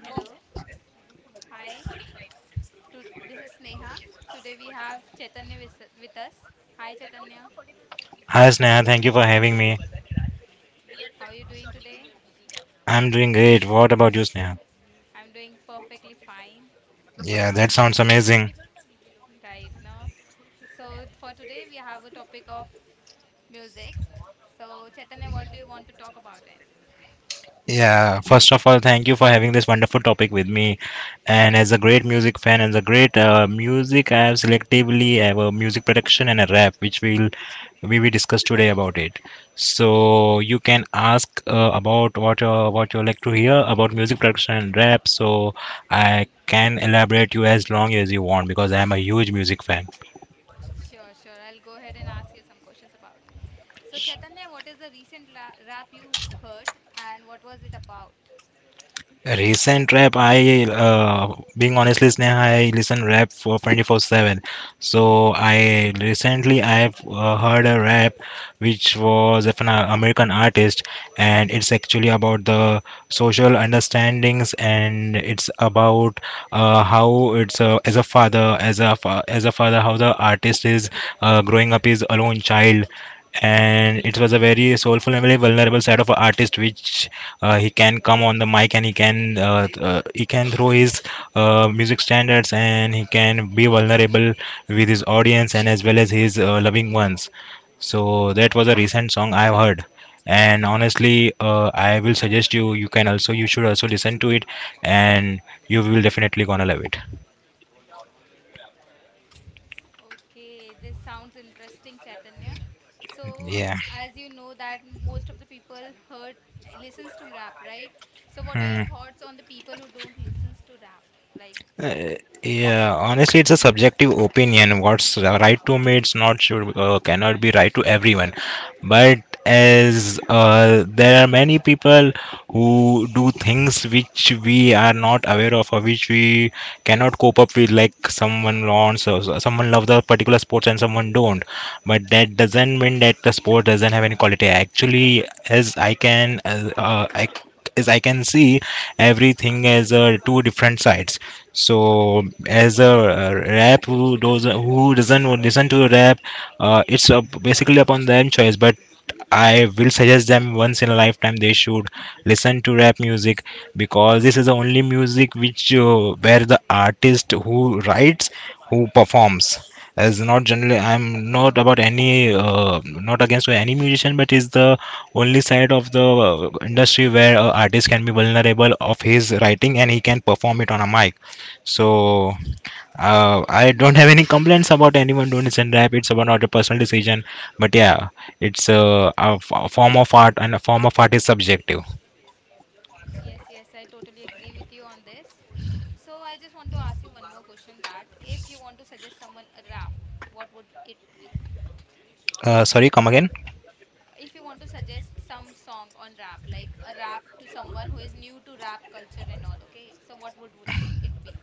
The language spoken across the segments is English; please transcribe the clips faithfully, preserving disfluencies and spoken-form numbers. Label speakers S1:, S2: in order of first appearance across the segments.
S1: Hello, hi. To, this is Sneha. Today we have Chaitanya with, with us. Hi, Chaitanya.
S2: Hi Sneha, thank you for having me.
S1: How are you doing today?
S2: I'm doing great. What about you, Sneha?
S1: I'm doing perfectly fine
S2: Yeah, that sounds amazing.
S1: right now. So for today we have a topic of music. So Chaitanya, what do you want to talk about it?
S2: Yeah, first of all, thank you for having this wonderful topic with me. And as a great music fan and a great uh, music, I have selectively have a music production and a rap, which we'll we will discuss today about it.
S1: Sure,
S2: So you can ask uh, about what uh, what you like to hear about music production and rap. So I can elaborate you as long as you want because I am a huge music fan.
S1: sure, sure. I'll go ahead and ask you some questions about it. So Chaitanya, what is the recent la- rap you heard and what was it about?
S2: Recent rap, I uh, being honestly Sneha, I listen rap for twenty-four seven. So I recently I've uh, heard a rap which was of an uh, American artist, and it's actually about the social understandings, and it's about uh, how it's uh, as a father, as a fa- as a father, how the artist is uh, growing up his alone child, and it was a very soulful and very vulnerable side of an artist which uh, he can come on the mic and he can uh, th- uh, he can throw his uh, music standards and he can be vulnerable with his audience and as well as his uh, loving ones. So that was a recent song I've heard, and honestly uh, I will suggest you you can also, you should also listen to it, and you will definitely gonna love it.
S1: Okay, this sounds interesting, Chaitanya. So,
S2: Yeah.
S1: as you know that most of the people heard listens to rap, right? So, what are your
S2: Hmm.
S1: thoughts on the people who don't listens to rap? Like,
S2: Uh, yeah, honestly, it's a subjective opinion. What's right to me, it's not should uh, cannot be right to everyone. But as uh, there are many people who do things which we are not aware of or which we cannot cope up with, like someone wants, or so- someone loves a particular sports and someone don't. But that doesn't mean that the sport doesn't have any quality. Actually, as I can, uh, uh, I as I can see, everything has uh, two different sides. So, as a uh, rap who does who doesn't listen to rap, uh, it's uh, basically upon their choice. But I will suggest them, once in a lifetime they should listen to rap music because this is the only music which uh, where the artist who writes, who performs, as not generally I'm not about any uh, not against any musician, but is the only side of the uh, industry where a artist can be vulnerable of his writing and he can perform it on a mic. So uh, I don't have any complaints about anyone doing this, and rap it's about not a personal decision. But yeah, it's uh, a, f- a form of art, and a form of art is subjective.
S1: yes, yes, I totally agree with you on this. So, I just want to ask you one more question that if you want to suggest someone a rap, what would it be?
S2: Uh, sorry, come again?
S1: If you want to suggest some song on rap, like a rap to someone who is new to rap culture and all, okay? So, what would would it be?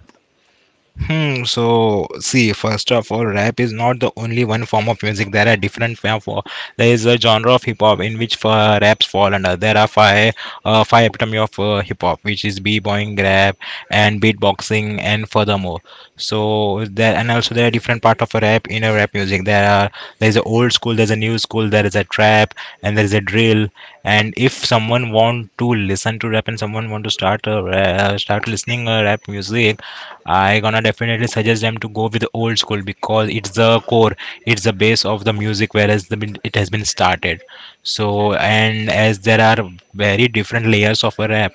S2: Hmm, so see, first of all, rap is not the only one form of music. There are different form for, there is a genre of hip hop in which uh, raps fall under. There are five uh, five epitome of uh, hip hop, which is b-boying, rap, and beatboxing, and furthermore. So there, and also there are different part of rap in a rap music. There are, there is a old school, there is a new school, there is a trap, and there is a drill. And if someone want to listen to rap and someone want to start a ra- start listening a rap music, I gonna definitely suggest them to go with the old school because it's the core, it's the base of the music whereas the min- it has been started. So, and as there are very different layers of a rap,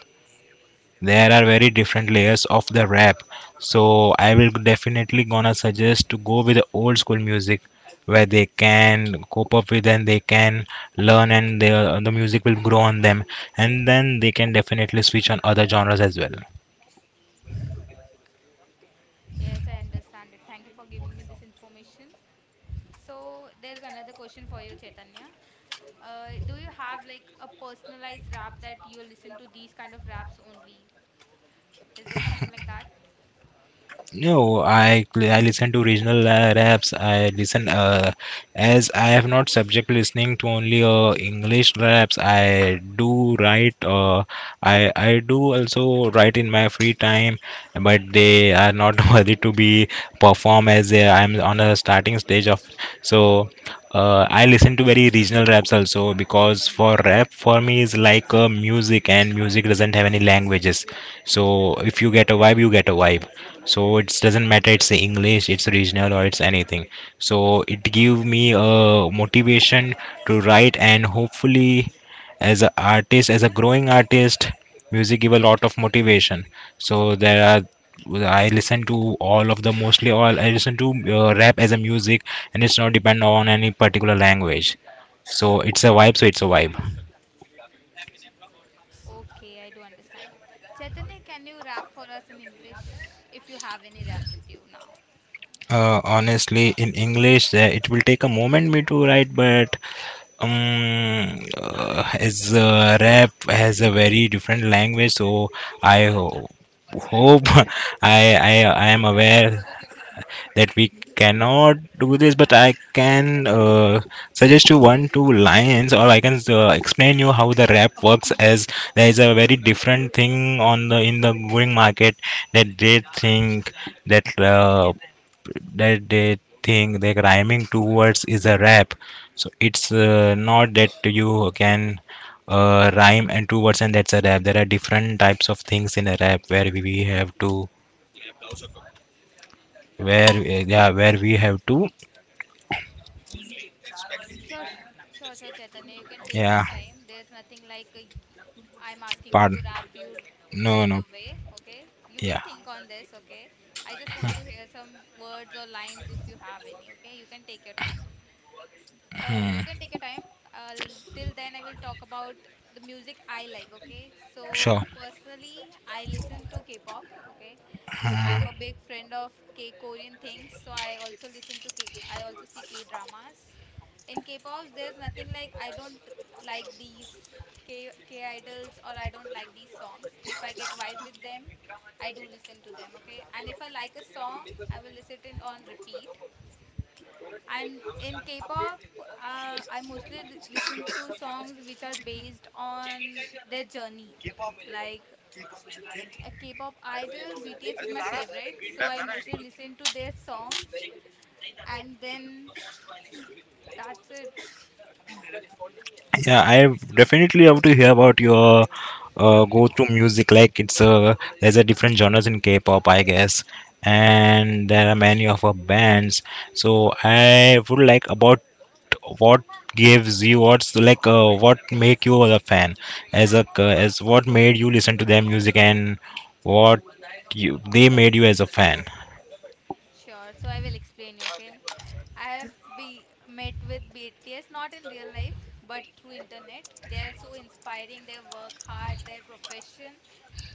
S2: there are very different layers of the rap. So I will definitely gonna suggest to go with the old school music where they can cope up with and they can learn and the the music will grow on them, and then they can definitely switch on other genres as well.
S1: Yes, I understand it. Thank you for giving me this information. So, there's another question for you, Chaitanya. Uh, do you have like a personalized rap that you listen to these kind of raps only? Is there something like that?
S2: No, I cl- I listen to regional uh, raps. I listen uh, as I have not subject listening to only uh, English raps. I do write. Uh, I I do also write in my free time, but they are not worthy to be performed as they, I'm on a starting stage of. So uh, I listen to very regional raps also because for rap for me is like uh, music, and music doesn't have any languages. So if you get a vibe, you get a vibe, so it doesn't matter it's the English, it's regional, or it's anything. So it give me a motivation to write, and hopefully as a artist, as a growing artist, music give a lot of motivation. So there are, I listen to all of the mostly all I listen to uh, rap as a music, and it's not depend on any particular language. So it's a vibe, so it's a vibe.
S1: Okay, I do understand it. Chaitanya, can you rap for us in English if you have any rap with you now?
S2: Uh, honestly in English uh, it will take a moment me to write, but um uh, as uh, rap has a very different language. So i ho- hope I, I i am aware that we cannot do this, but I can uh, suggest you one two lines, or I can uh, explain you how the rap works. As there is a very different thing on the in the going market that they think that uh, that they think that rhyming two words is a rap. So it's uh, not that you can uh, rhyme and two words and that's a rap. There are different types of things in a rap where we we have to, where uh, yeah, where we have to.
S1: Sure, s- sure, sure, Chaitanya. You can take your
S2: Yeah.
S1: time. There's nothing like a y- I'm asking
S2: Pardon?
S1: to wrap you r-
S2: No,
S1: right
S2: no.
S1: away. Okay, you
S2: Yeah.
S1: can think on this. Okay, I just want to hear some words or lines if you have any. Okay, you can take your time. Uh, you can take your time. Uh, Till then, I will talk about the music I like. Okay, so
S2: Sure.
S1: personally, I listen to K-pop. Okay, I'm a big friend of K Korean things, so I also listen to K I also see K dramas. In K-pops, there's nothing like I don't like these K K idols or I don't like these songs. If I get vibe with them, I do listen to them, okay? And if I like a song, I will listen it on repeat. And in K-pop, uh, I mostly li- listen to songs which are based on their journey. Like a K-pop idol. B T S is my favorite, so I mostly listen to their songs and then that's it.
S2: Yeah, I definitely love to hear about your uh, go-to music. Like it's uh, there's a different genres in K-pop, I guess, and there are many of our bands. So I would like about what gives you, what's like uh, what make you a fan, as a as what made you listen to their music, and what you they made you as a fan.
S1: Sure. So I will explain you, okay? I have be met with B T S not in real life but through internet. They are so inspiring. Their work hard, their profession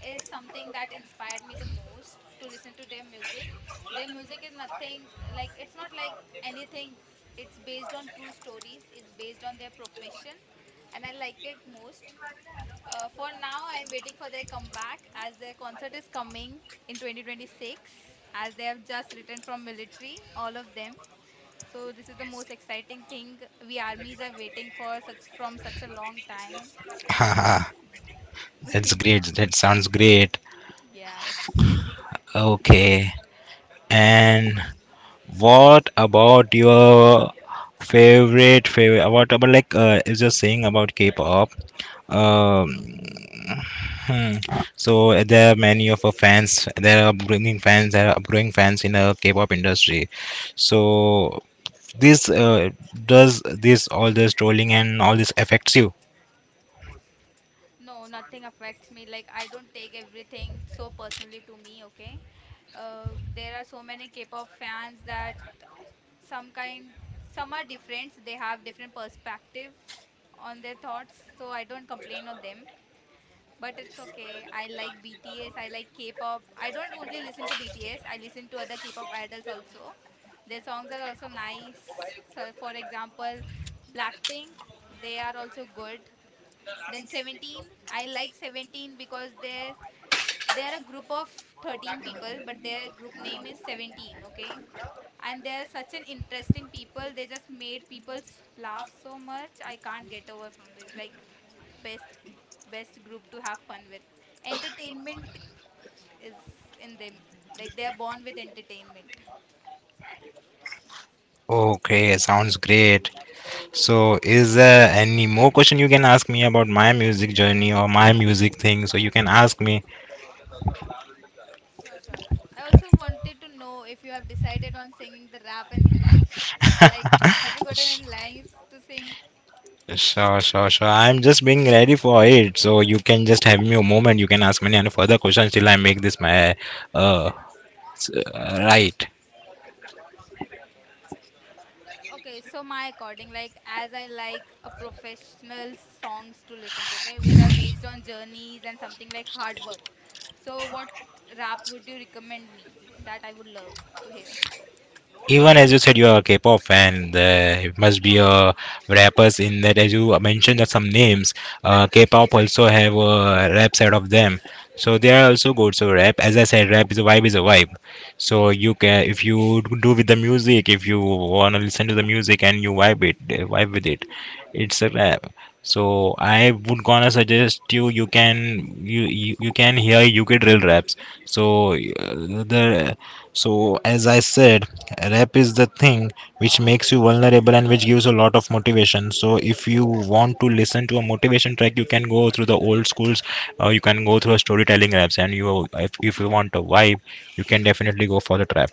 S1: is something that inspired me the most to listen to their music. Their music is nothing like it's not like anything. It's based on true stories. It's based on their profession and I like it most. Uh, for now, I'm waiting for their comeback as their concert is coming in twenty twenty-six, as they have just returned from military, all of them. So this is the most exciting thing we armies are waiting for such, from such a long time.
S2: Haha,
S1: It's
S2: that's great. That sounds great.
S1: yes.
S2: Okay, and what about your favorite favorite? What about like uh, is just saying about K-pop? Um, hmm, so there are many of our fans. There are upbringing fans. There are upgrowing fans in the K-pop industry. So this uh, does this, all this trolling and all this affects you?
S1: No, nothing affects me. Like I don't take everything so personally to me, okay? Uh, there are so many K-pop fans that some kind some are different. They have different perspectives on their thoughts, so I don't complain on them, but it's okay. I like BTS, I like K-pop. I don't only listen to BTS, I listen to other K-pop idols also. Their songs are also nice. So for example, Blackpink, they are also good. Then seventeen, I like seventeen because they're they're a group of thirteen people but their group name is seventeen, okay? And they're such an interesting people. They just made people s- laugh so much I can't get over from it. Like best best group to have fun with. Entertainment is in them, like they're born with entertainment.
S2: Okay, sounds great. So is there any more question you can ask me about my music journey or my music thing? So you can ask me.
S1: Sure sure, I also wanted to know if you have decided on singing the rap in English. Like, have you gotten any lines to sing?
S2: Sure, sure, sure. I'm just being ready for it. So you can just have me a moment. You can ask me any further questions till I make this my uh, s- uh right.
S1: Okay, so my according, like as I like a professional songs to listen to, okay, which are based on journeys and something like hard work. So what rap would you recommend me that I would love to hear?
S2: Even as you said, you are a K-pop fan. There must be a rappers in that. As you mentioned some names, uh, K-pop also have a rap side of them. So they are also good. So rap, as I said, rap is a vibe, is a vibe. So you can, if you do with the music, if you wanna listen to the music and you vibe it, uh, vibe with it, it's a rap. So I would gonna suggest you, you can you you, you can hear U K drill raps. So uh, the so, as I said, rap is the thing which makes you vulnerable and which gives a lot of motivation. So, if you want to listen to a motivation track, you can go through the old schools, or you can go through a storytelling raps. And you, if, if you want a vibe, you can definitely go for the trap.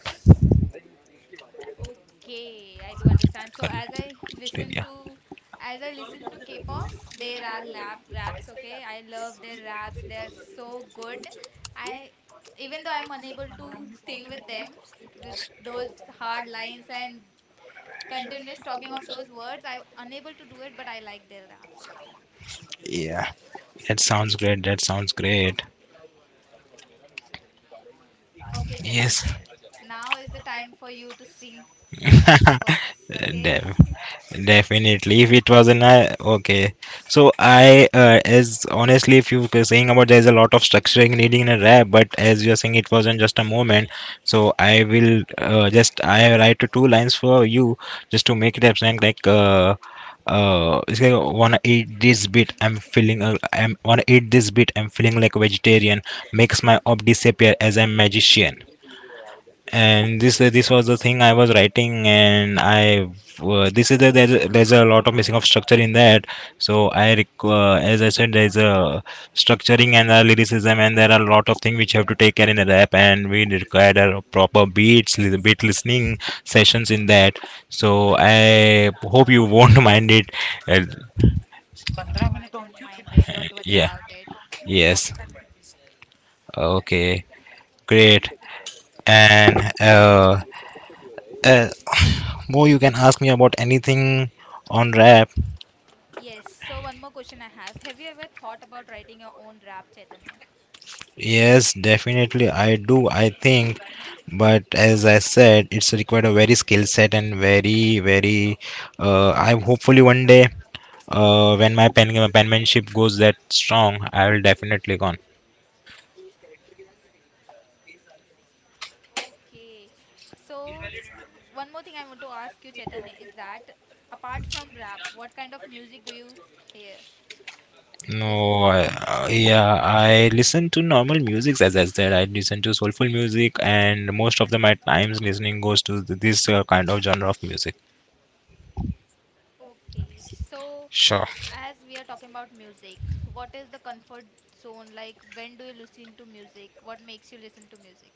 S1: Okay, I do understand. So as I listen
S2: Yeah,
S1: to as I listen to K-pop, there are rap raps, okay? I love their raps. They are so good. I even though I'm unable to sing with them with those hard lines and continuous talking of those words. I unable to do it, but I like their raps also.
S2: yeah, that sounds great. That sounds great.
S1: Okay,
S2: Yes.
S1: Chaitanya. Now is the time for you to sing some rap for us, okay?
S2: Damn. Definitely, if it was an I, okay. So I uh, as honestly, if you were saying about there's a lot of structuring needing in a rap, but as you're saying, it wasn't just a moment. So I will uh, just I write two lines for you just to make it up. Saying like. Uh, uh, it's like wanna eat this bit. I'm feeling. Uh, I'm wanna eat this bit. I'm feeling like a vegetarian. Makes my ob disappear as a magician. And this this was the thing I was writing, and I, uh, this is the there's, there's a lot of missing of structure in that. So i requ- uh, as I said, there's a structuring and a lyricism, and there are a lot of things which have to take care in a rap, and we required a proper beats, li- beat listening sessions in that. So I hope you won't mind it. uh,
S1: No, no, I don't mind it. Don't worry
S2: yeah.
S1: about it.
S2: Yes. Okay. Great. And uh, uh more you can ask me about anything on rap.
S1: Yes, so one more question I have. Have you ever thought about writing your own rap, Chaitanya?
S2: Yes, definitely I do. I think, but as I said, it's required a very skill set and very, very. Uh, I hopefully one day, uh, when my pen penmanship goes that strong, I will definitely go on.
S1: Okay. So, one more thing I want to ask you, Chaitanya, is that apart from rap, what kind of music do you hear, listen
S2: No,
S1: to?
S2: I, uh, yeah, I listen to normal music as I said. I listen to soulful music, and most of the my times listening goes to th- this uh, kind of genre of music.
S1: Okay. So,
S2: Sure.
S1: as we are talking about music, what is the comfort zone? Like, when do you listen to music? What makes you listen to music?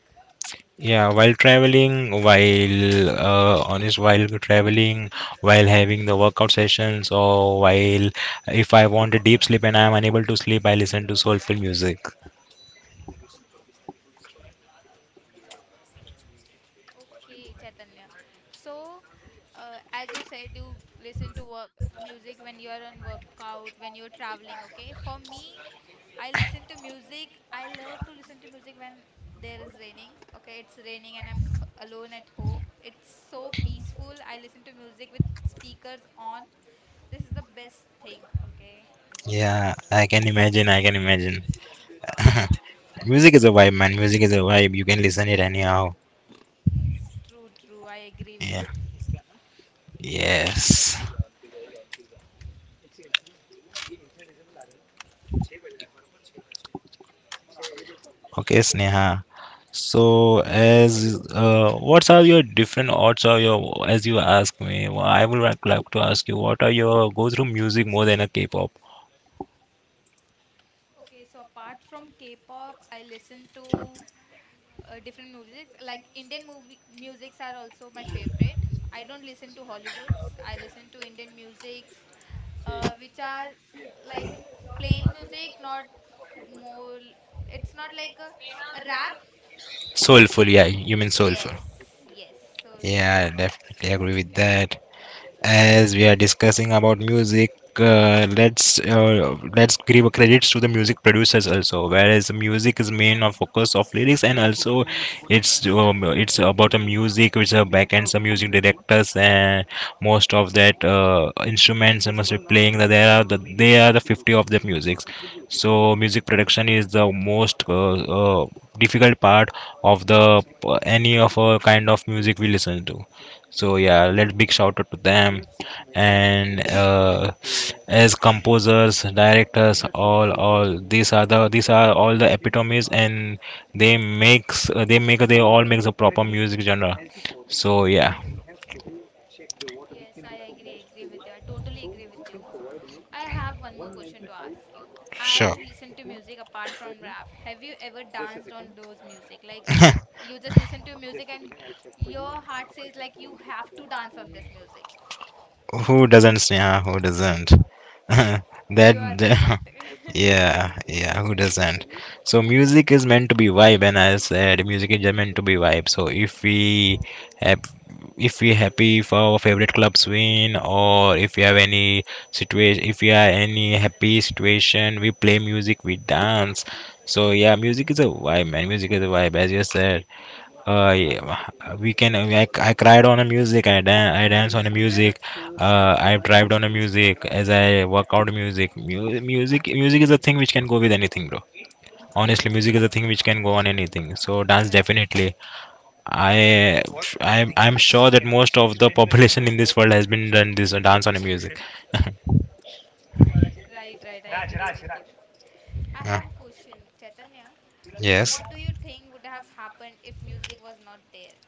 S2: Yeah, while traveling, while uh, honest, while traveling, while having the workout sessions, or while if I want a deep sleep and I am unable to sleep, I listen to soulful music.
S1: Okay, Chaitanya. So, uh, as you said, you listen to work music when you are on workout, when you're traveling, okay? For me, I listen to music. I love to listen to music when there is raining, okay? It's raining and I'm h- alone at home. It's so peaceful. I listen to music with speakers on. This is the best thing, okay?
S2: Yeah, I can imagine. I can imagine. Music is a vibe, man. Music is a vibe. You can listen it anyhow.
S1: Yes, true, true. I agree with
S2: Yeah.
S1: you.
S2: Yes. Okay, Sneha. So, as uh, what are your different odds or your as you ask me, wh- I would like like to ask you what are your go through music more than a K-pop?
S1: Okay, so apart from K-pop, I listen to uh, different musics. Like Indian movie musics are also my favorite. I don't listen to Hollywoods. I listen to Indian musics, uh, which are like plain music, not more. It's not like a, a rap.
S2: Soulful,
S1: Okay.
S2: yeah, you mean soulful.
S1: Yes, yes, soulful
S2: Yeah, I
S1: musics.
S2: definitely agree with that. As we are discussing about music, uh, let's uh, let's give a credits to the music producers also, whereas the music is main of focus of lyrics and also it's um, it's about a music which are back end some music directors, and most of that uh, instruments and must be playing that they are the they are the fifty of the musics. So music production is the most uh, uh, difficult part of the any of a kind of music we listen to. So yeah, let big shout out to them. And uh, as composers, directors, all all these are the these are all the epitomes, and they makes uh, they make they all makes a proper music genre. So yeah,
S1: Yes, I agree, agree with you. I totally agree with you. I have one more question to ask you. As
S2: sure.
S1: you listen to music apart from rap, have you ever danced on those music? Like you just listen to music and your heart says like you have to dance on this music.
S2: Who doesn't, Sneha? Who doesn't? that.
S1: You are right.
S2: That Yeah, yeah, who doesn't? So music is meant to be vibe, and I said music is just meant to be vibe. So if we have, if we happy, if our favorite clubs win, or if we have any situation, if we are any happy situation, we play music, we dance. So yeah, music is a vibe, man. Music is a vibe, as you said. Uh, yeah, we can. I mean, I I cried on a music. I dan- I dance on a music. Uh, I drive on a music as I work out music. Mu- music, music is a thing which can go with anything, bro. Honestly, music
S1: Yes.
S2: is a thing which can go on anything. So dance
S1: Right,
S2: definitely.
S1: right.
S2: I, I'm, I'm sure that most of the population in this world has been done this uh, dance on a music.
S1: Right, right. I agree with you. I
S2: Uh,
S1: have a question, Chaitanya.
S2: yes.
S1: What do you think would have happened if music was not there?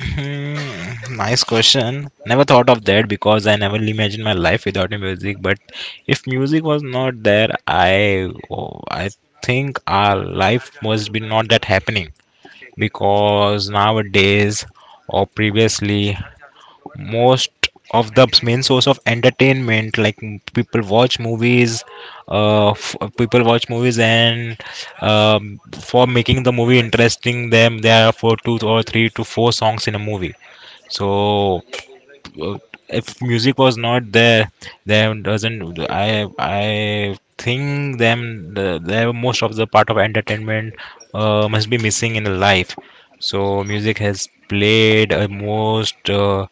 S2: Hmm, nice question. Never thought of that because I never imagined my life without the music. But if music was not there, I oh, I think our life must be not that happening because nowadays or previously most of the main source of entertainment like m- people watch movies uh f- people watch movies and um, for making the movie interesting them there are for two or three to four songs in a movie. So uh, if music was not there, then doesn't I I think then the, the most of the part of entertainment uh, must be missing in life. So music has played a most uh,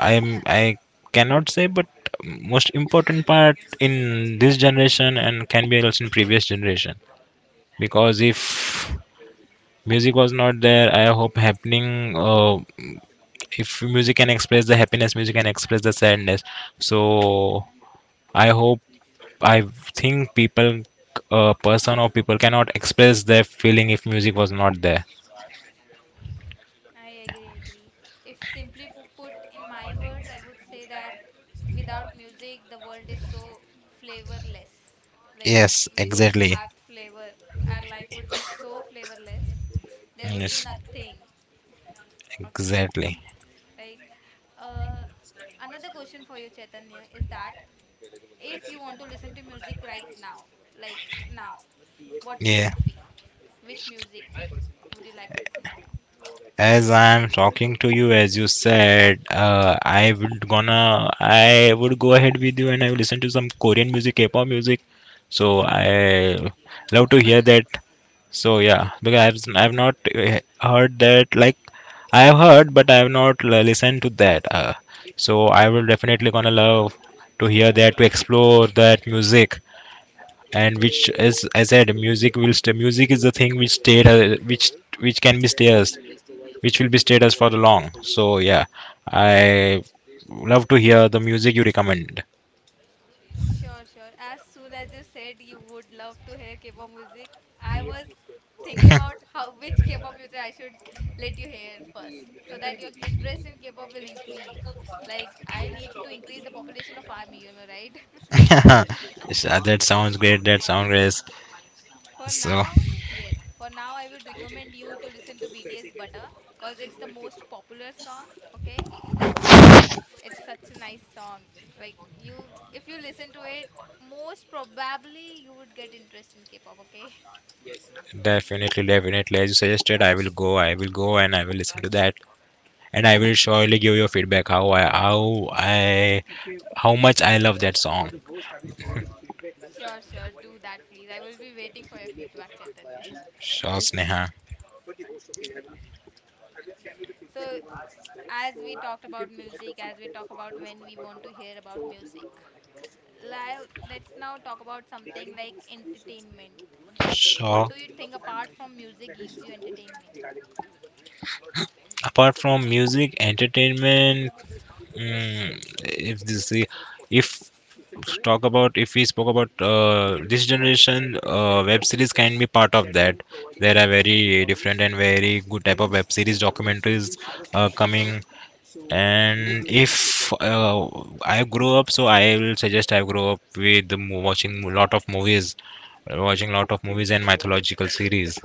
S2: I'm I cannot say, but most important part in this generation and can be also in previous generation because if music was not there, I hope happening. Uh, if music can express the happiness, music can express the sadness. So I hope I think people a person or people cannot express their feeling if music was not there.
S1: I agree, agree. If simply pu- put in my words, I would say that without music, the world is so flavorless. Like,
S2: Yes,
S1: we don't
S2: exactly.
S1: have flavor. Our life would be so flavorless. There would be
S2: Yes,
S1: nothing. Okay,
S2: exactly.
S1: right. Uh, Another question for you, Chaitanya, is that if you want to listen to music right now, like now, what would it
S2: Yeah,
S1: be? Which music would you like to listen to now?
S2: as I'm talking to you, as you said, uh, i would gonna I would go ahead with you, and I will listen to some Korean music, K-pop music. So I love to hear that. So yeah, because I've I've not uh, heard that. Like I have heard, but I have not l- listened to that. Uh, so I will definitely gonna love to hear that, to explore that music, and which as I said music will st- music is the thing which stayed uh, which which can be stairs, which will be stayed us for the long. So yeah, I love to hear the music you recommend.
S1: Sure, sure. As soon as you said you would love to hear K-pop music, I was thinking about how which K-pop music I should let you hear first, so that your interest in K-pop will increase. Like I need to increase the population of army, you know, right?
S2: So, that sounds great. That sounds great.
S1: For
S2: So
S1: now, yes. For now, I would recommend you to listen to B T S Butter because it's the most popular song. Okay, it's such a nice song. Like you, if you listen to it, most probably you would get interest in K-pop. Okay.
S2: definitely, definitely. As you suggested, I will go. I will go and I will listen to that, and I will surely give you feedback how I how I how much I love that song.
S1: Sure, sure. Do that, please. I will be waiting for your feedback, Chaitanya.
S2: Sure, Sneha.
S1: So, as we talked about music, as we talk about when we want to hear about music, li- let's now talk about something like entertainment.
S2: Sure.
S1: What do you think apart from music gives you entertainment?
S2: Apart from music, entertainment, mm, if this if talk about if we spoke about uh, this generation, uh, web series can be part of that. There are very different and very good type of web series documentaries uh, coming. And if uh, I grow up, so I will suggest I grow up with the mo- watching a lot of movies, watching lot of movies and mythological series.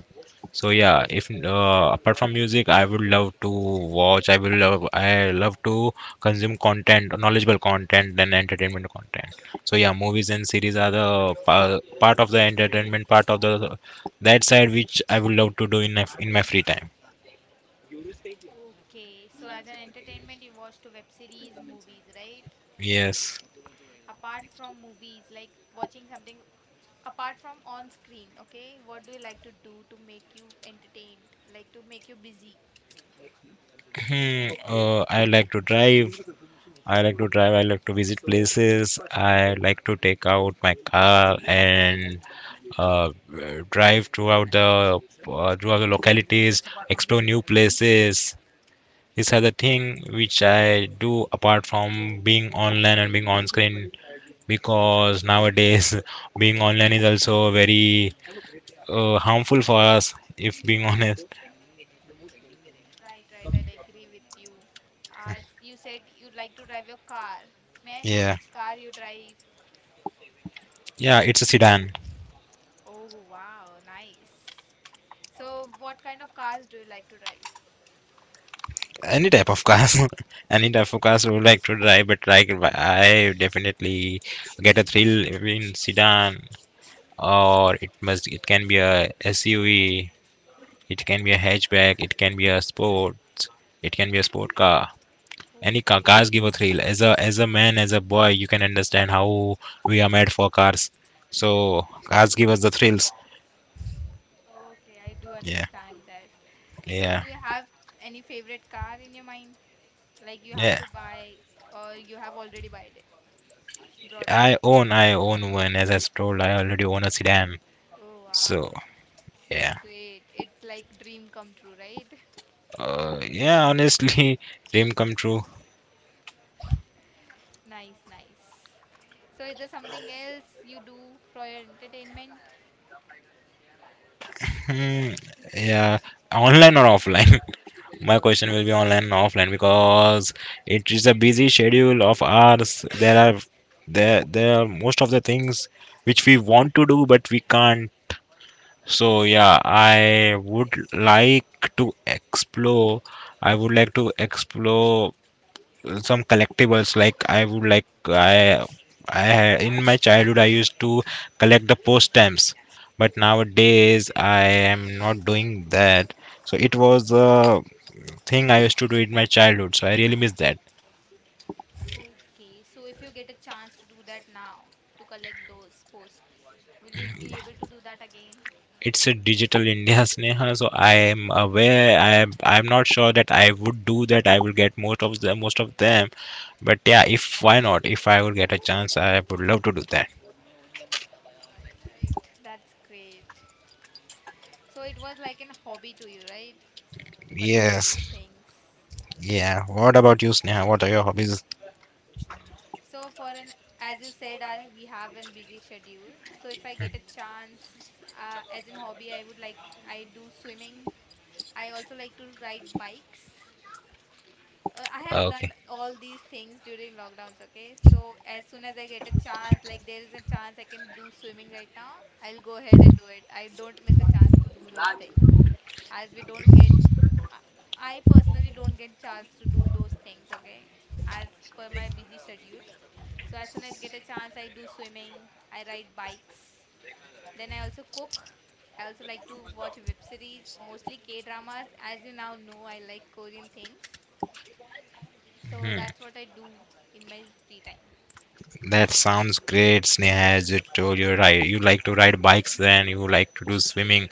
S2: So yeah, if uh, apart from music, I would love to watch. I will love. I love to consume content, knowledgeable content, and entertainment content. So yeah, movies and series are the pa- part of the entertainment part of the that side which I would love to do in my, in my free time.
S1: Okay, so as an entertainment, you watch to web series, movies, right?
S2: Yes.
S1: Apart from movies, like watching something apart from on screen, okay? What do you like to do to make you entertained, like to make you busy?
S2: Hmm, uh, I like to drive. I like to drive, I like to visit places, I like to take out my car and uh, drive throughout the uh, throughout the localities, explore new places. These are the thing which I do apart from being online and being on screen because nowadays being online is also very uh, harmful for us if being honest.
S1: Right, right. I agree with you. As you said, you'd like to drive your car. May I know
S2: Yeah.
S1: which car you drive?
S2: Yeah, it's a sedan.
S1: Oh, wow, nice. So, what kind of cars do you like to drive?
S2: Any type of cars. Any type of cars I would like to drive, but like I definitely get a thrill in sedan, or it must it can be a S U V, it can be a hatchback, it can be a sports, it can be a sport car. Any car, cars
S1: Okay,
S2: give a thrill as a as a man as a boy. You can understand how we are made for cars. So cars give us the thrills.
S1: okay, I do
S2: Yeah.
S1: understand that. So,
S2: Yeah.
S1: do you have any favorite car in your mind? Like you have
S2: Yeah,
S1: to buy, or you have already bought it, brought it?
S2: I own I own one as I told. I already own a sedan,
S1: Oh,
S2: so
S1: wow, that's
S2: yeah.
S1: great. It's like dream come true, right?
S2: Uh, yeah, honestly, dream come true.
S1: Nice, nice. So, is there something else you do for your entertainment?
S2: Hmm, yeah, online or offline? My question will be online and offline because it is a busy schedule of ours. There are there there are most of the things which we want to do but we can't. So yeah, I would like to explore. I would like to explore some collectibles. Like I would like i i ha- in my childhood I used to collect the post stamps, but nowadays I am not doing that. So it was a thing I used to do in my childhood, so I really miss that.
S1: Okay, so if you get a chance to do that now, to collect those posts, will you be able to do that again?
S2: It's a digital India. Sneha, so i am aware i am I'm not sure that I would do that. I will get most of them most of them, but yeah, if why not, if I would get a chance, I would love to do that.
S1: Right, right. That's great. So, it was like an hobby to you, right? To collect those
S2: Yes.
S1: things.
S2: Yeah, what about you, Sneha? What are your hobbies?
S1: So, for an as you said, I, we have a busy schedule. So, if I get a chance, uh, as an hobby, I would like I do swimming. I also like to ride bikes. Uh, I have learned
S2: Okay.
S1: all these things during lockdowns, okay? So as soon as I get a chance, like there is a chance I can do swimming right now, I'll go ahead and do it. I don't miss a chance to do those things. As we don't get, uh, I personally don't get chance to do those things, okay? As per my busy schedule. So as soon as get a chance, I do swimming, I ride bikes, then I also cook. I also like to watch web series, mostly K dramas. As you now know, I like Korean things. So
S2: Hmm.
S1: that's what I do in my free time.
S2: That sounds great, Sneha. As you told, you right. You like to ride bikes, and you like to do swimming.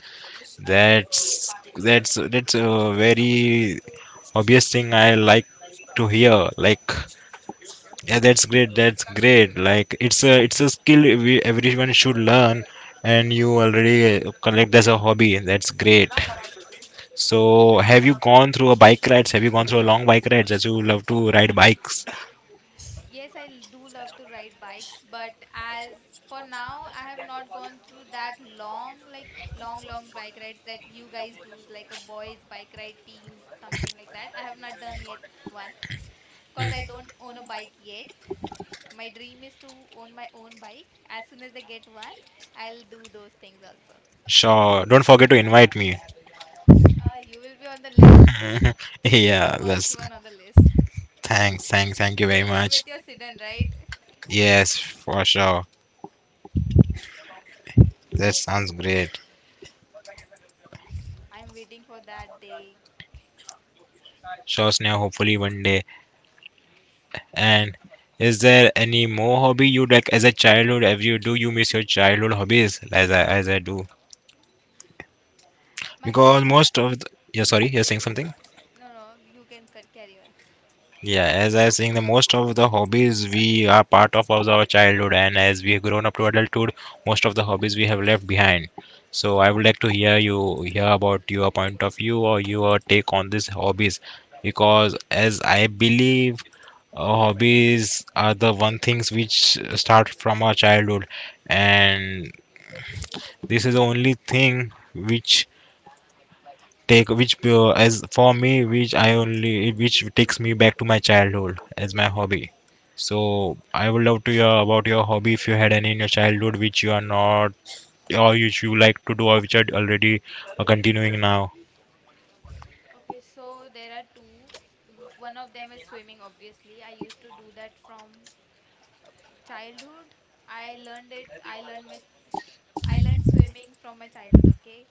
S2: That's that's that's a very obvious thing I like to hear. Like, yeah, that's great. That's great. Like, it's a it's a skill we, everyone should learn, and you already collect as a hobby. That's great. So,
S1: Yes.
S2: have you gone through a bike rides? Have you gone through a long bike rides? As you love to ride bikes.
S1: Yes, I l- do love to ride bikes, but as for now, I have not gone through that long, like long, long bike rides that you guys do, like a boys' bike ride teams, something like that. I have not done yet one because I don't own a bike yet. My dream is to own my own bike. As soon as I get one, I'll do those things also.
S2: Sure. Don't forget to invite me.
S1: Uh, you will be on the list,
S2: Mhm.
S1: the
S2: Yeah,
S1: first
S2: that's
S1: one on the list.
S2: thanks, thanks, thank you
S1: You
S2: very
S1: will come with
S2: much.
S1: your sedan, right?
S2: Yes, for sure. That sounds great.
S1: I'm waiting for that day.
S2: Sure, Sneha, hopefully one day. And is there any more hobby you like as a childhood? Have you do you miss your childhood hobbies as I as I do?
S1: My child,
S2: Because
S1: chi-
S2: most of the, yeah, sorry, you're saying something?
S1: no, no, you can ca- carry on.
S2: Yeah, as I was saying, the most of the hobbies we are part of was our childhood, and as we have grown up to adulthood, most of the hobbies we have left behind. So I would like to hear you hear about your point of view or your take on these hobbies, because as I believe, uh, hobbies are the one things which start from our childhood, and this is the only thing which take which uh, as for me, which I only which takes me back to my childhood as my hobby. So I would love to hear about your hobby if you had any in your childhood which you are not, or which you like to do, or which are already uh, continuing now.
S1: Okay, so there are two. W- One of them is swimming, obviously. I used to do that from uh, childhood. I learned it. I learned my I learned swimming from my childhood, okay?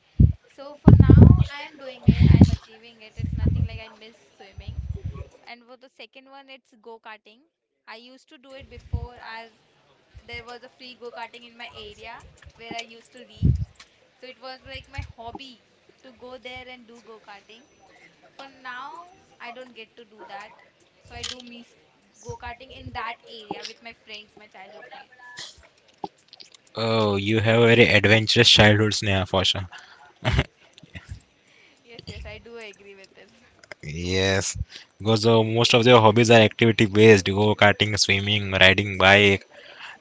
S1: So for now, I am doing it. I am achieving it. It's nothing like I miss swimming. And for the second one, it's go-karting. I used to do it before as there was a free go-karting in my area where I used to live. So it was like my hobby to go there and do go-karting. For now, I don't get to do that. So I do miss go-karting in that area with my friends, my childhood friends.
S2: Oh, you have a very adventurous childhood, Sneha, for sure.
S1: Yes, yes, I do agree with this.
S2: Yes, because uh, most of their hobbies are activity based, go karting, swimming, riding bike.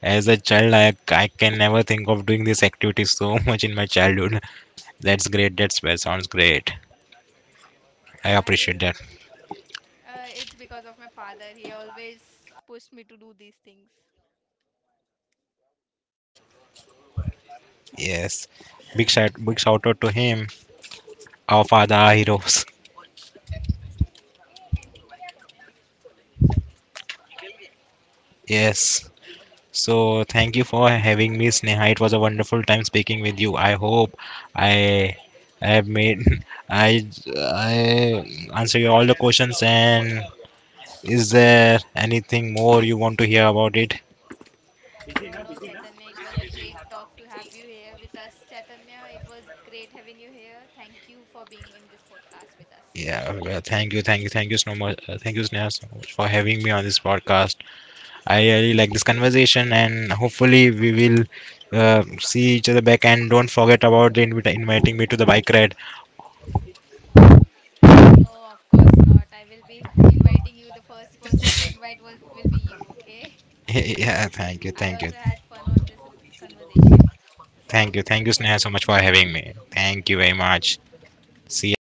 S2: As a child, I, I can never think of doing these activities so much in my childhood. That's great. That's well, sounds great. I
S1: Right?
S2: appreciate that.
S1: Uh, it's because of my father. He always pushed me to do these things.
S2: Yes. Big shout big shout out to him. Our father our heroes. Yes. So thank you for having me, Sneha. It was a wonderful time speaking with you. I hope I I have made I I answer you all the questions, and is there anything more you want to hear about it?
S1: No, no, Chaitanya. It was a great talk to have you here with us, Chaitanya. It was great having you here. Thank you for being in this podcast with us.
S2: Yeah, well, thank you, thank you, thank you so much. uh, Thank you, Sneha, so much for having me on this podcast. I really like this conversation, and hopefully we will uh, see each other back. And don't forget about the invita- inviting me to the bike ride.
S1: No, no, of course not. I will be inviting you. The first person to invite was will be you, okay?
S2: Yeah, thank you,
S1: I
S2: thank you,
S1: also had fun on this r- conversation.
S2: thank you, thank
S1: Okay,
S2: you,
S1: thank
S2: Sneha, so
S1: you.
S2: much for having me. Thank you
S1: Thank
S2: very
S1: you.
S2: much. See ya.